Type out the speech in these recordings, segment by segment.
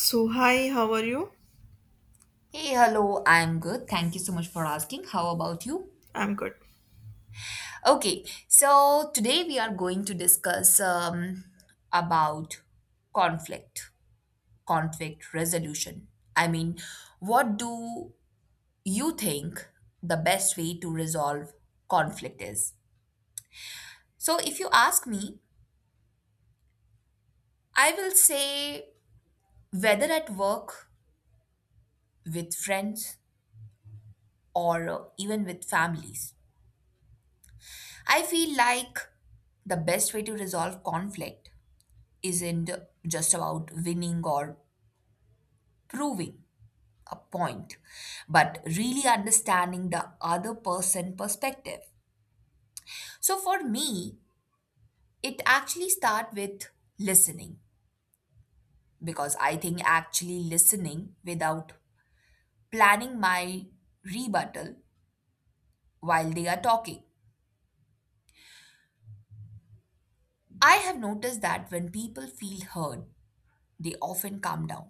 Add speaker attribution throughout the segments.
Speaker 1: So, hi, how are you?
Speaker 2: Hey, hello, I'm good. Thank you so much for asking. How about you?
Speaker 1: I'm good.
Speaker 2: Okay, so today we are going to discuss about conflict, conflict resolution. I mean, what do you think the best way to resolve conflict is? So, if you ask me, I will say whether at work, with friends, or even with families, I feel like the best way to resolve conflict isn't just about winning or proving a point, but really understanding the other person perspective. So for me, it actually start with listening because I think actually listening without planning my rebuttal while they are talking. I have noticed that when people feel heard, they often calm down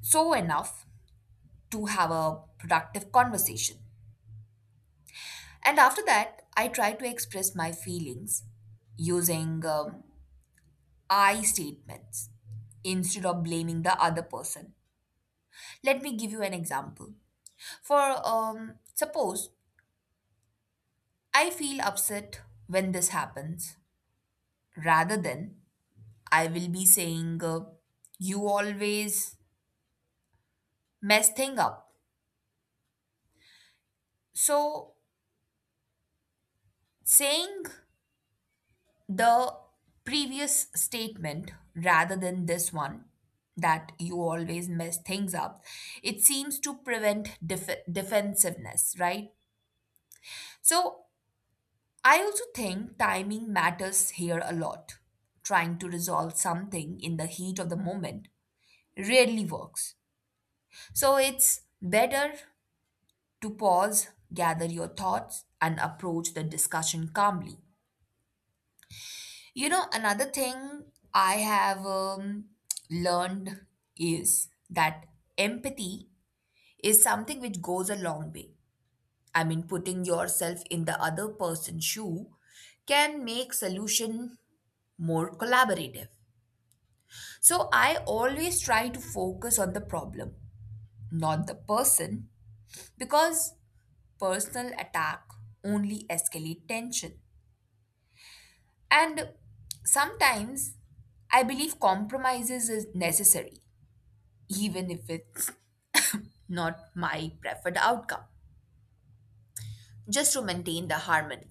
Speaker 2: so enough to have a productive conversation. And after that, I try to express my feelings using I statements instead of blaming the other person. Let me give you an example. For suppose I feel upset when this happens, rather than I will be saying, you always mess thing up. So saying the previous statement rather than this one that you always mess things up, it seems to prevent defensiveness, right? So I also think timing matters here a lot. Trying to resolve something in the heat of the moment rarely works, so it's better to pause, gather your thoughts, and approach the discussion calmly. You know, another thing I have learned is that empathy is something which goes a long way. I mean, putting yourself in the other person's shoe can make solution more collaborative. So I always try to focus on the problem, not the person, because personal attack only escalate tension. And sometimes I believe compromises is necessary even if it's not my preferred outcome, just to maintain the harmony.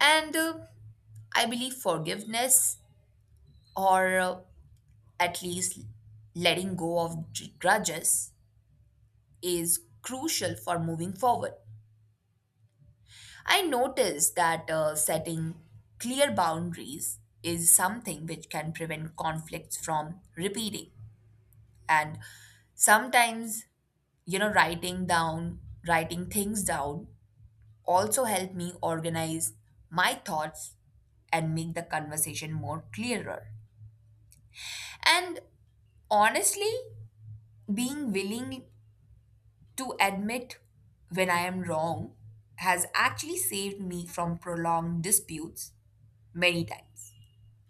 Speaker 2: And I believe forgiveness, or at least letting go of grudges, is crucial for moving forward. I noticed that setting clear boundaries is something which can prevent conflicts from repeating. And sometimes, writing down, writing things down also help me organize my thoughts and make the conversation more clearer. And honestly, being willing to admit when I am wrong has actually saved me from prolonged disputes many times.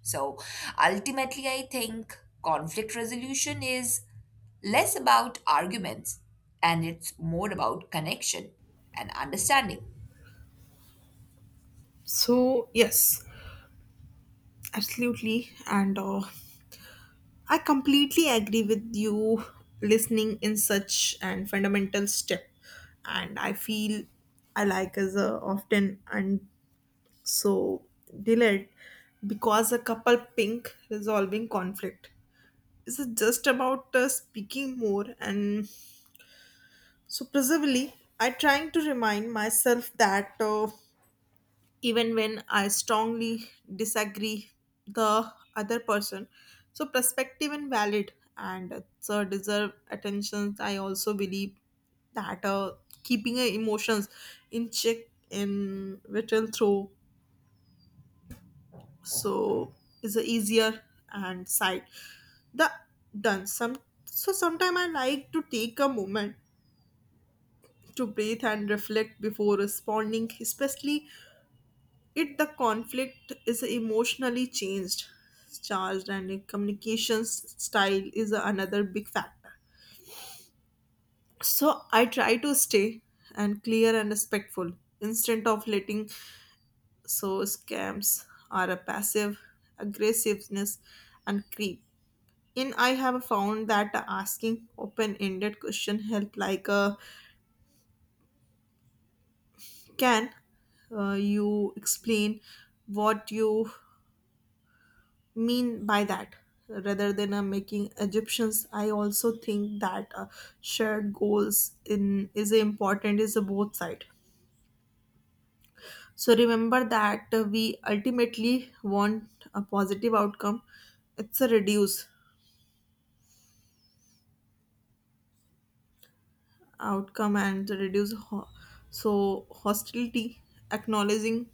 Speaker 2: So ultimately, I think conflict resolution is less about arguments and it's more about connection and understanding.
Speaker 1: So, yes, absolutely. And I completely agree with you. Listening in such an fundamental step. And I feel I like is often and so delayed because a couple pink resolving conflict. Is it just about speaking more and so presumably, I trying to remind myself that. Even when I strongly disagree the other person. So perspective and valid and so deserve attention. I also believe that keeping emotions in check in written through so is a easier and side the done some so sometimes I like to take a moment to breathe and reflect before responding, especially it the conflict is emotionally changed charged. And in communications style is another big factor, so I try to stay and clear and respectful instead of letting so scams are a passive aggressiveness and creep. And I have found that asking open-ended question help, like, can you explain what you mean by that rather than making egyptians. I also think that shared goals in is important is a both side, so remember that we ultimately want a positive outcome. It's a reduce outcome and to reduce so hostility. Acknowledging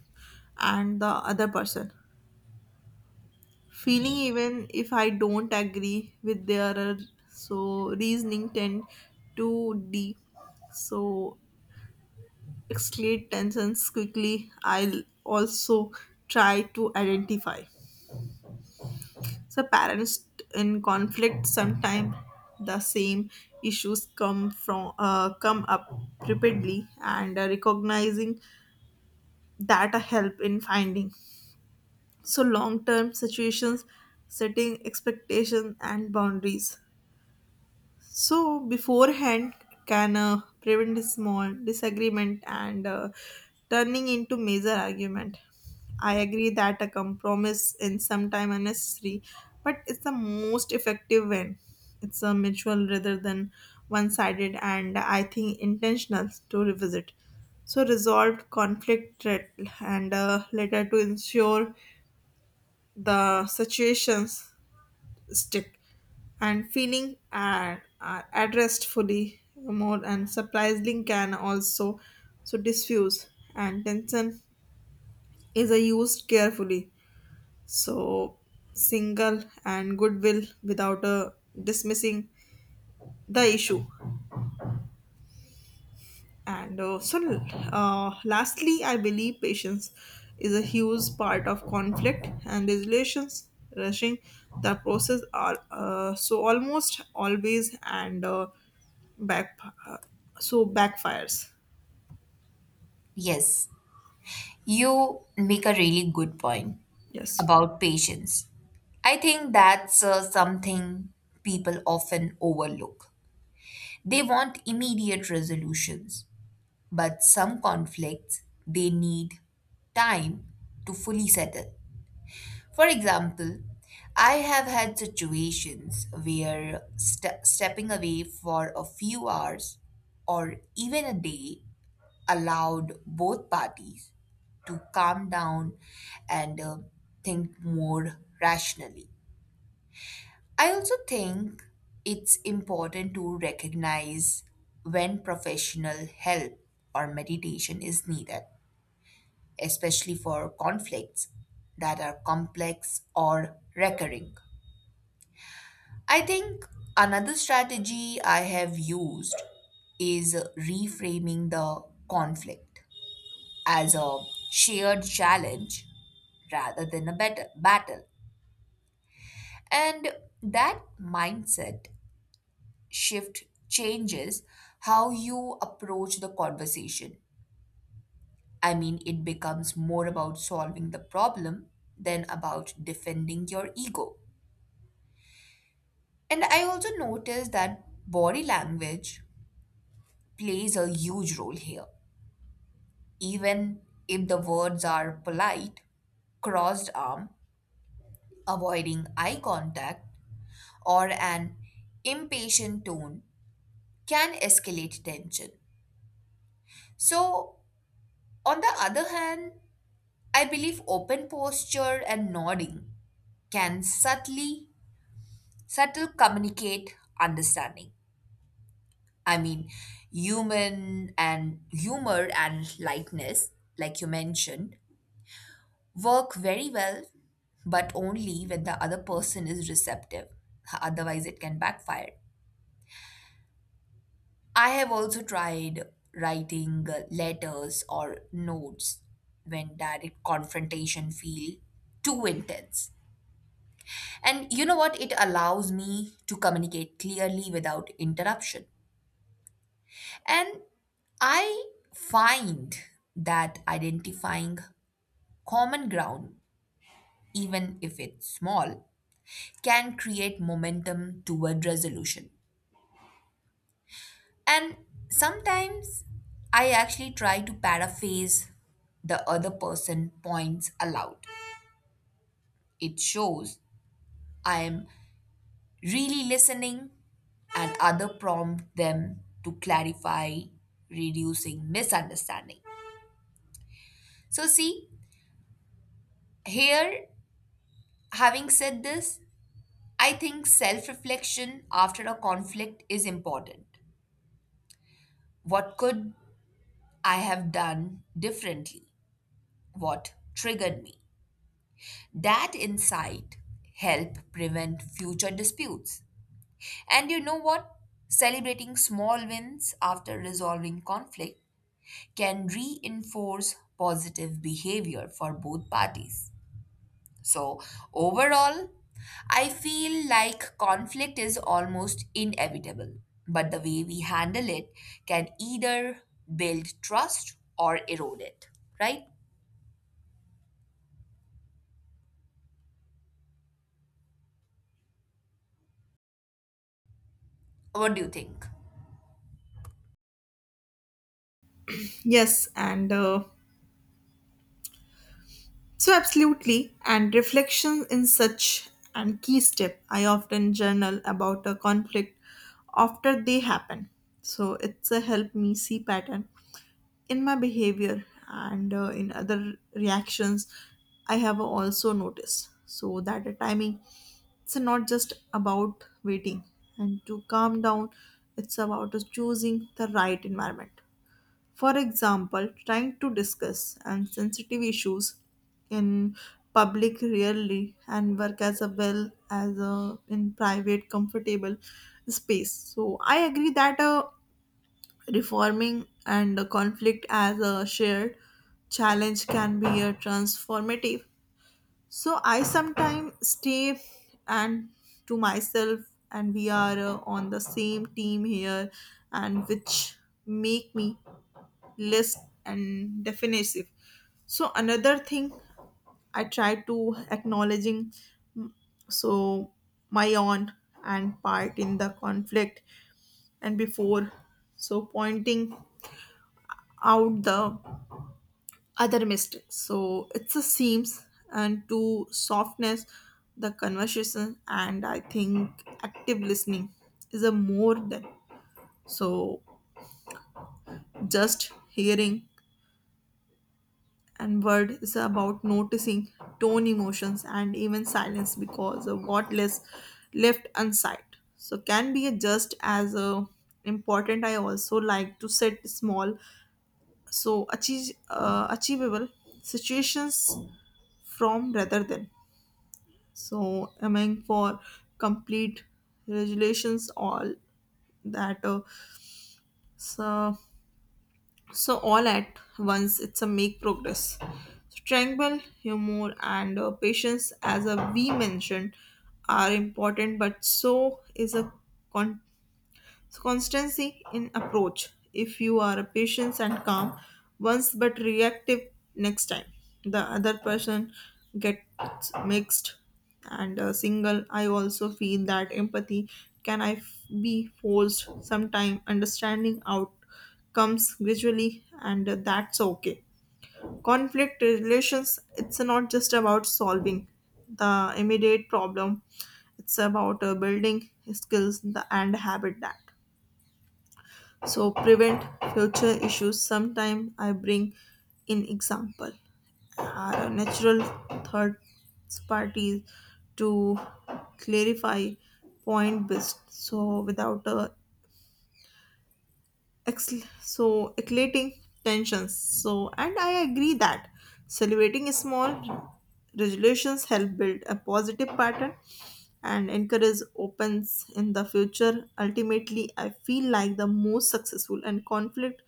Speaker 1: and the other person feeling, even if I don't agree with their so reasoning, tend to de so escalate tensions quickly. I'll also try to identify so parents in conflict. Sometimes the same issues come from come up repeatedly, and recognizing that a help in finding so long term situations, setting expectations and boundaries so beforehand can prevent a small disagreement and turning into major argument. I agree that a compromise in some time unnecessary, but it's the most effective when it's a mutual rather than one-sided, and I think intentional to revisit. So resolved conflict threat and later to ensure the situations stick and feeling are addressed fully more, and surprisingly can also so diffuse and tension is a used carefully, so single and goodwill without a dismissing the issue. And uh, so, Lastly, I believe patience is a huge part of conflict and resolutions. Rushing the process are so almost always and back uh, so backfires.
Speaker 2: Yes, you make a really good point
Speaker 1: Yes,
Speaker 2: about patience. I think that's something people often overlook. They want immediate resolutions, but some conflicts they need time to fully settle. For example, I have had situations where stepping away for a few hours or even a day allowed both parties to calm down and think more rationally. I also think it's important to recognize when professional help or meditation is needed, especially for conflicts that are complex or recurring. I think another strategy I have used is reframing the conflict as a shared challenge rather than a battle. And that mindset shift changes how you approach the conversation. I mean, it becomes more about solving the problem than about defending your ego. And I also noticed that body language plays a huge role here. Even if the words are polite, crossed arm, avoiding eye contact, or an impatient tone can escalate tension. So, on the other hand, I believe open posture and nodding can subtly subtle communicate understanding. I mean, human and humor and lightness, like you mentioned, work very well, but only when the other person is receptive. Otherwise, it can backfire. I have also tried writing letters or notes when direct confrontation feel too intense. And you know what? It allows me to communicate clearly without interruption. And I find that identifying common ground, even if it's small, can create momentum toward resolution. And sometimes I actually try to paraphrase the other person points aloud. It shows I am really listening and other prompt them to clarify, reducing misunderstanding. So see, here having said this, I think self-reflection after a conflict is important. What could I have done differently? What triggered me? That insight help prevent future disputes. And you know what? Celebrating small wins after resolving conflict can reinforce positive behavior for both parties. So, overall, I feel like conflict is almost inevitable, but the way we handle it can either build trust or erode it, right? What do you think?
Speaker 1: yes, and so absolutely, and reflection in such an key step. I often journal about a conflict after they happen. So, it's a help me see pattern in my behavior and in other reactions I have also noticed. So, that the timing, it's not just about waiting and to calm down, it's about us choosing the right environment. For example, trying to discuss and sensitive issues in public rarely and work as a well as a, in private comfortable space. So I agree that reforming and a conflict as a shared challenge can be a transformative. So I sometimes stay and to myself and we are on the same team here, and which make me list and definitive. So another thing, I try to acknowledging so my own and part in the conflict and before so pointing out the other mistakes, so it's a seams and to softness the conversation. And I think active listening is a more than so just hearing and word, is about noticing tone, emotions, and even silence, because of what less left unsaid so can be just as important. I also like to set small so achievable situations from rather than so aiming for complete regulations all that so so all at once, it's a make progress. Strength, humor, and patience, as we mentioned, are important, but so is a so constancy in approach. If you are a patient and calm once but reactive next time, the other person gets mixed and single. I also feel that empathy can be forced sometime. Understanding outcomes gradually, and that's okay. Conflict relations. It's not just about solving the immediate problem. It's about building skills the, and habit that so prevent future issues. Sometime I bring in example natural third parties to clarify point best so without a so escalating tensions. So and I agree that celebrating small resolutions help build a positive pattern and encourage opens in the future. Ultimately, I feel like the most successful and conflict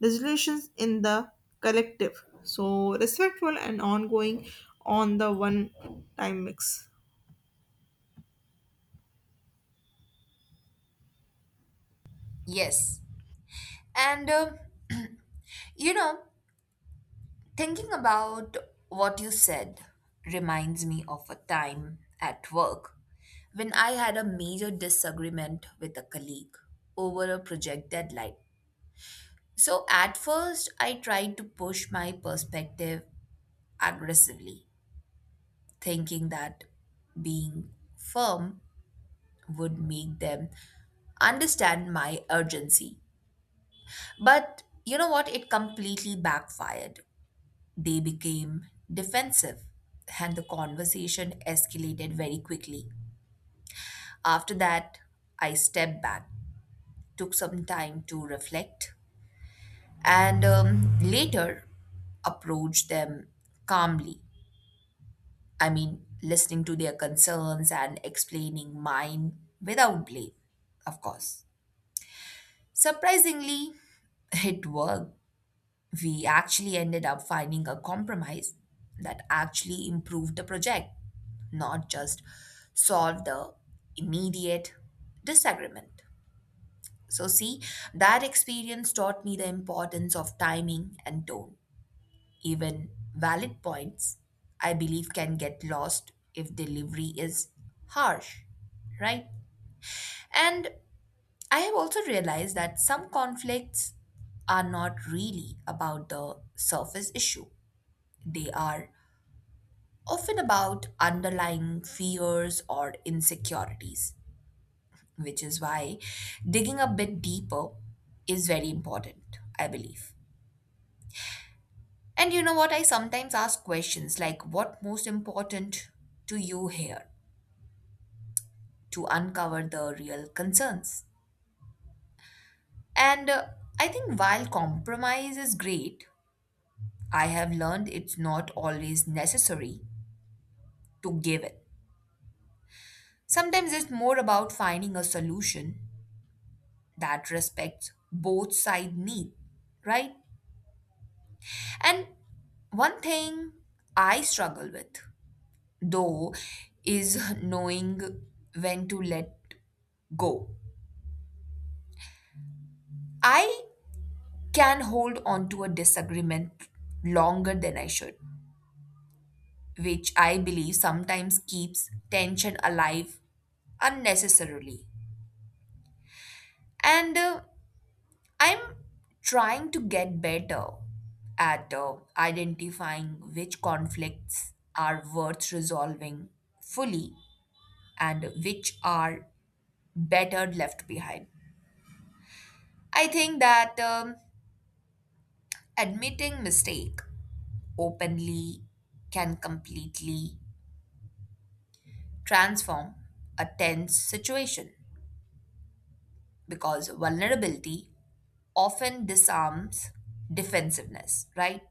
Speaker 1: resolutions in the collective so respectful and ongoing on the one time mix.
Speaker 2: Yes. And you know, thinking about what you said reminds me of a time at work when I had a major disagreement with a colleague over a project deadline. So at first, I tried to push my perspective aggressively, thinking that being firm would make them understand my urgency. But you know what? It completely backfired. They became defensive, and the conversation escalated very quickly. After that, I stepped back, took some time to reflect, and later approached them calmly. I mean, listening to their concerns and explaining mine without blame, of course. Surprisingly, it worked. We actually ended up finding a compromise that actually improved the project, not just solved the immediate disagreement. So, see, that experience taught me the importance of timing and tone. Even valid points, I believe, can get lost if delivery is harsh, right? And I have also realized that some conflicts are not really about the surface issue. They are often about underlying fears or insecurities, which is why digging a bit deeper is very important, I believe. And you know what? I sometimes ask questions like, what most important to you here to uncover the real concerns? And I think while compromise is great, I have learned it's not always necessary to give it. Sometimes it's more about finding a solution that respects both side need, right? And one thing I struggle with, though, is knowing when to let go. I can hold on to a disagreement longer than I should, which I believe sometimes keeps tension alive unnecessarily. And I'm trying to get better at identifying which conflicts are worth resolving fully and which are better left behind. I think that admitting mistake openly can completely transform a tense situation because vulnerability often disarms defensiveness, right?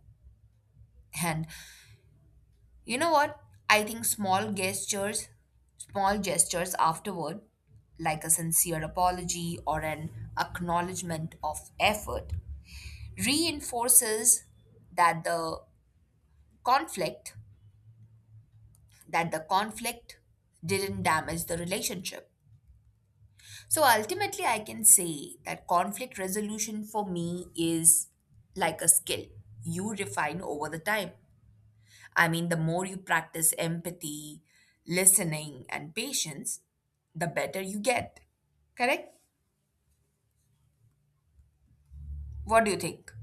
Speaker 2: And you know what? I think small gestures afterward, like a sincere apology or an acknowledgement of effort, reinforces that the conflict that the conflict didn't damage the relationship. So ultimately I can say that conflict resolution for me is like a skill you refine over the time. I mean, the more you practice empathy, listening, and patience, the better you get. Correct? What do you think?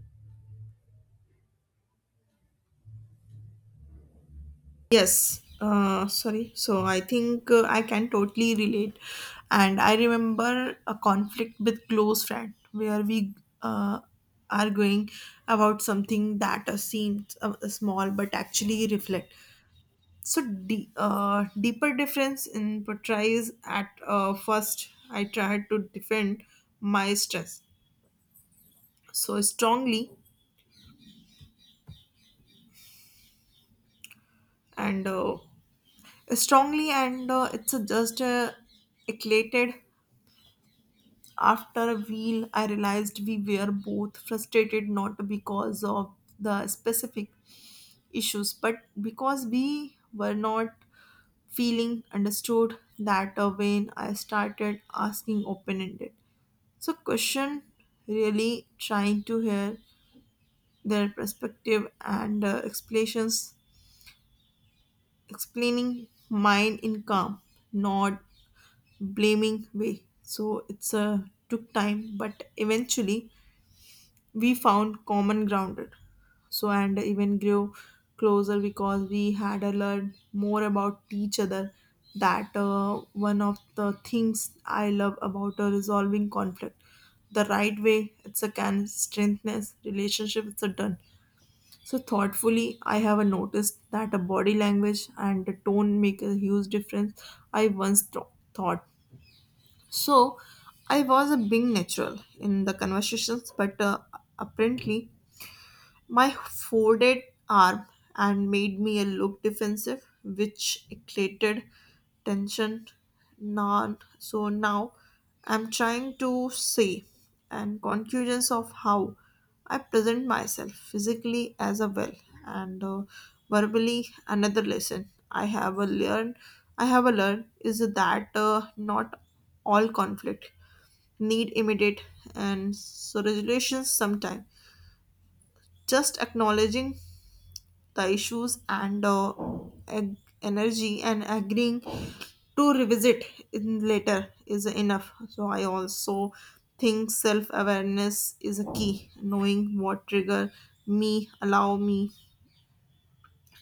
Speaker 1: Yes, sorry. So I think I can totally relate. And I remember a conflict with close friend where we uh, arguing about something that seems small but actually reflect. So deeper difference in portrays. At first I tried to defend my stress so strongly and uh, and it's just eclated. After a while, I realized we were both frustrated not because of the specific issues, but because we were not feeling understood. That when I started asking open ended. So, question, really trying to hear their perspective and explaining mine in calm, not blaming way. So, it's took time, but eventually we found common grounded so and even grew closer because we had learned more about each other. That one of the things I love about resolving conflict the right way, it's a can strengthen relationship it's a done so thoughtfully. I have noticed that a body language and the tone make a huge difference. I once thought so I was a being natural in the conversations, but apparently my folded arm and made me a look defensive, which created tension. Now I'm trying to say and conclusions of how I present myself physically as a well and verbally. Another lesson I have a learn is that not all conflict need immediate and so resolutions. Sometime just acknowledging the issues and ag- energy and agreeing to revisit in later is enough. So I also think self awareness is a key. Knowing what trigger me allow me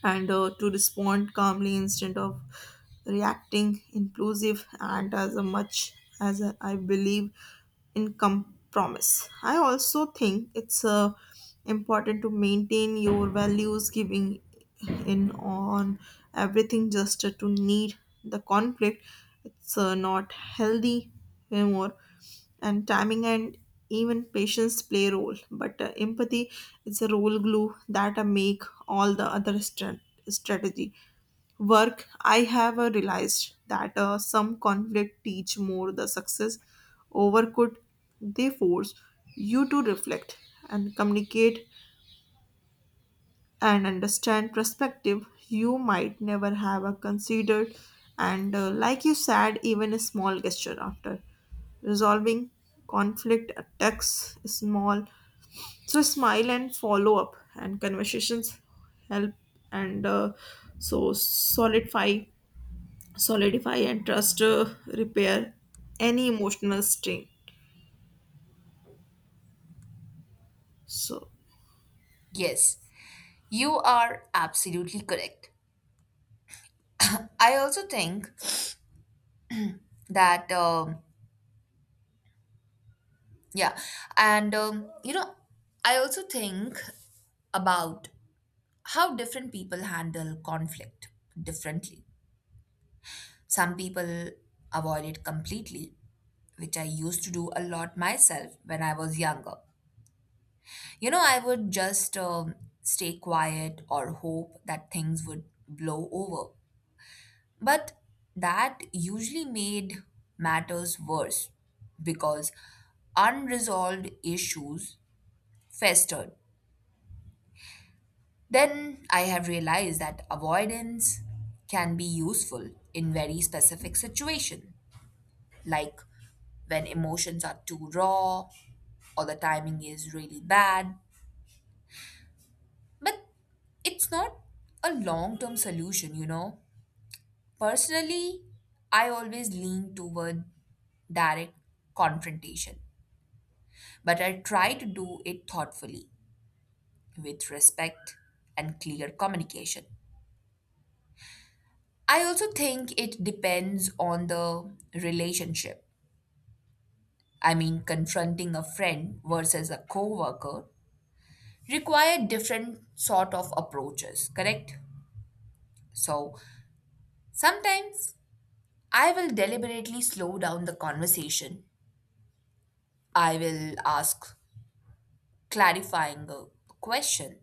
Speaker 1: and to respond calmly instead of reacting inclusive, and as a much as I believe in compromise. I also think it's important to maintain your values, giving in on everything just to need the conflict. It's not healthy anymore. And timing and even patience play a role, but empathy is a role glue that make all the other strategy work. I have realized that some conflict teach more the success over could they force you to reflect and communicate and understand perspective you might never have a considered. And Like you said, even a small gesture after resolving conflict attacks small, so smile and follow up and conversations help and so solidify and trust, repair any emotional strain. So
Speaker 2: Yes, you are absolutely correct. I also think that, yeah, and you know, I also think about how different people handle conflict differently. Some people avoid it completely, which I used to do a lot myself when I was younger. You know, I would just stay quiet or hope that things would blow over. But that usually made matters worse because unresolved issues festered. Then I have realized that avoidance can be useful in very specific situation, like when emotions are too raw or the timing is really bad. But it's not a long term solution, you know. Personally, I always lean toward direct confrontation, but I try to do it thoughtfully, with respect and clear communication. I also think it depends on the relationship. I mean, confronting a friend versus a coworker require different sort of approaches, correct? So, sometimes I will deliberately slow down the conversation. I will ask clarifying question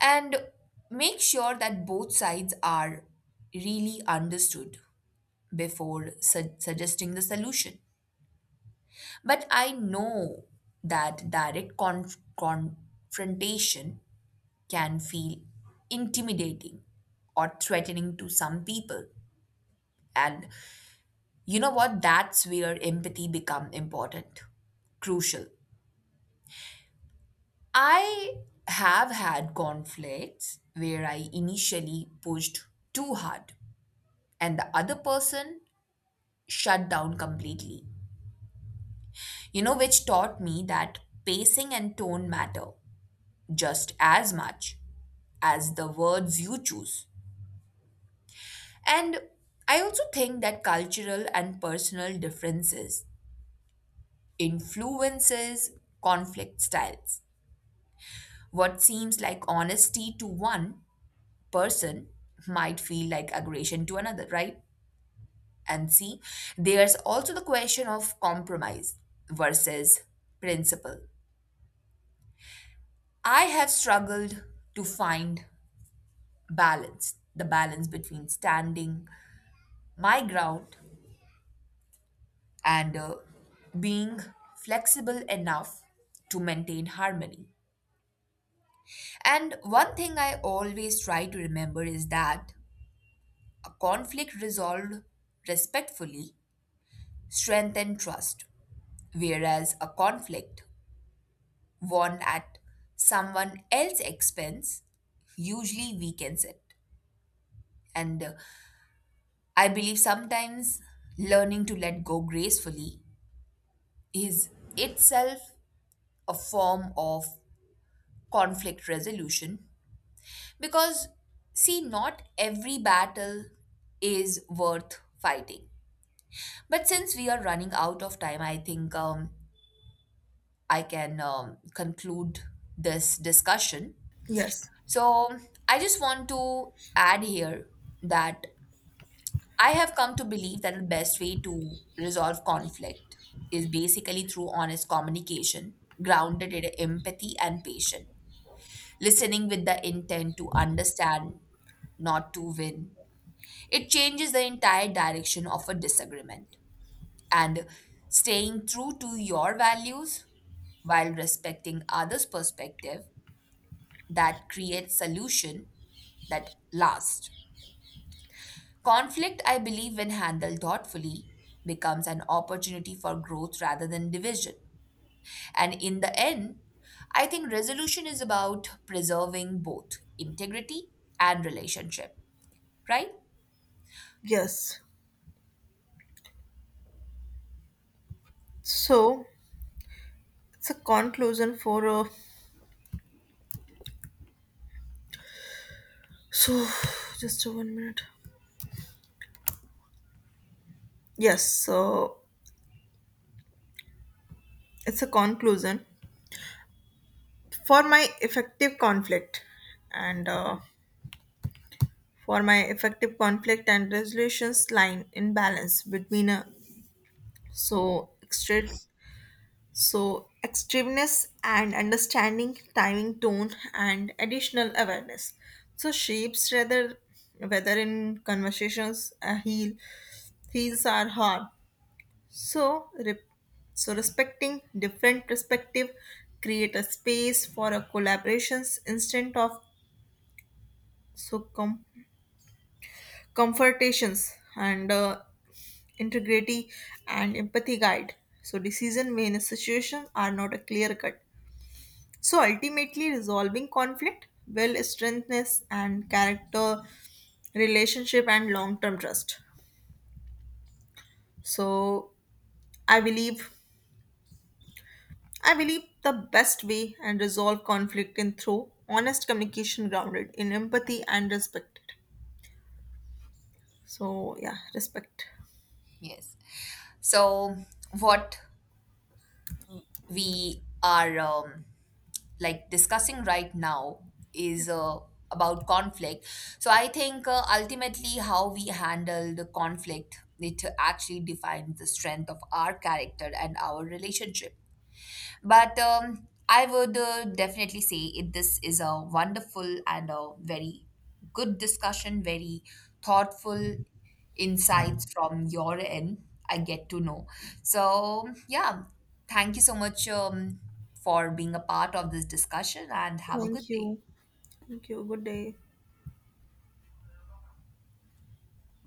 Speaker 2: and make sure that both sides are really understood before suggesting the solution. But I know that direct confrontation can feel intimidating or threatening to some people. And you know what? That's where empathy become important, crucial. I have had conflicts where I initially pushed too hard and the other person shut down completely. You know, which taught me that pacing and tone matter just as much as the words you choose. And I also think that cultural and personal differences influences conflict styles. What seems like honesty to one person might feel like aggression to another, right? And see, there's also the question of compromise versus principle. I have struggled to find the balance between standing my ground and being flexible enough to maintain harmony. And one thing I always try to remember is that a conflict resolved respectfully strengthens trust, whereas a conflict worn at someone else's expense usually weakens it. And I believe sometimes learning to let go gracefully is itself a form of conflict resolution because, see, not every battle is worth fighting. But since we are running out of time, I think I can conclude this discussion.
Speaker 1: yes,
Speaker 2: So I just want to add here that I have come to believe that the best way to resolve conflict is basically through honest communication, grounded in empathy and patience, listening with the intent to understand, not to win. It changes the entire direction of a disagreement. And staying true to your values while respecting others' perspective, that creates solution that lasts. Conflict, I believe, when handled thoughtfully, becomes an opportunity for growth rather than division. And in the end, I think resolution is about preserving both integrity and relationship, right?
Speaker 1: yes, so it's a conclusion for so, just a one minute. Yes, so it's a conclusion for my effective conflict and uh, for my effective conflict and resolutions line in balance between a so extra so extremeness and understanding timing, tone, and additional awareness so shapes rather whether in conversations a heals are hard. So, so respecting different perspective create a space for a collaborations instead of so com- confrontations and integrity and empathy guide. So decision made in a situation are not a clear cut. So ultimately resolving conflict will strengthness and character relationship and long term trust. So I believe I believe the best way and resolve conflict in through honest communication grounded in empathy and respect. So yeah, respect.
Speaker 2: Yes. So, what we are like discussing right now is about conflict. So I think ultimately how we handle the conflict, it actually defines the strength of our character and our relationship. But I would definitely say it, this is a wonderful and a very good discussion, very thoughtful insights from your end I get to know. So, yeah, thank you so much for being a part of this discussion and have a good
Speaker 1: Thank
Speaker 2: day.
Speaker 1: you. Thank you. Good day.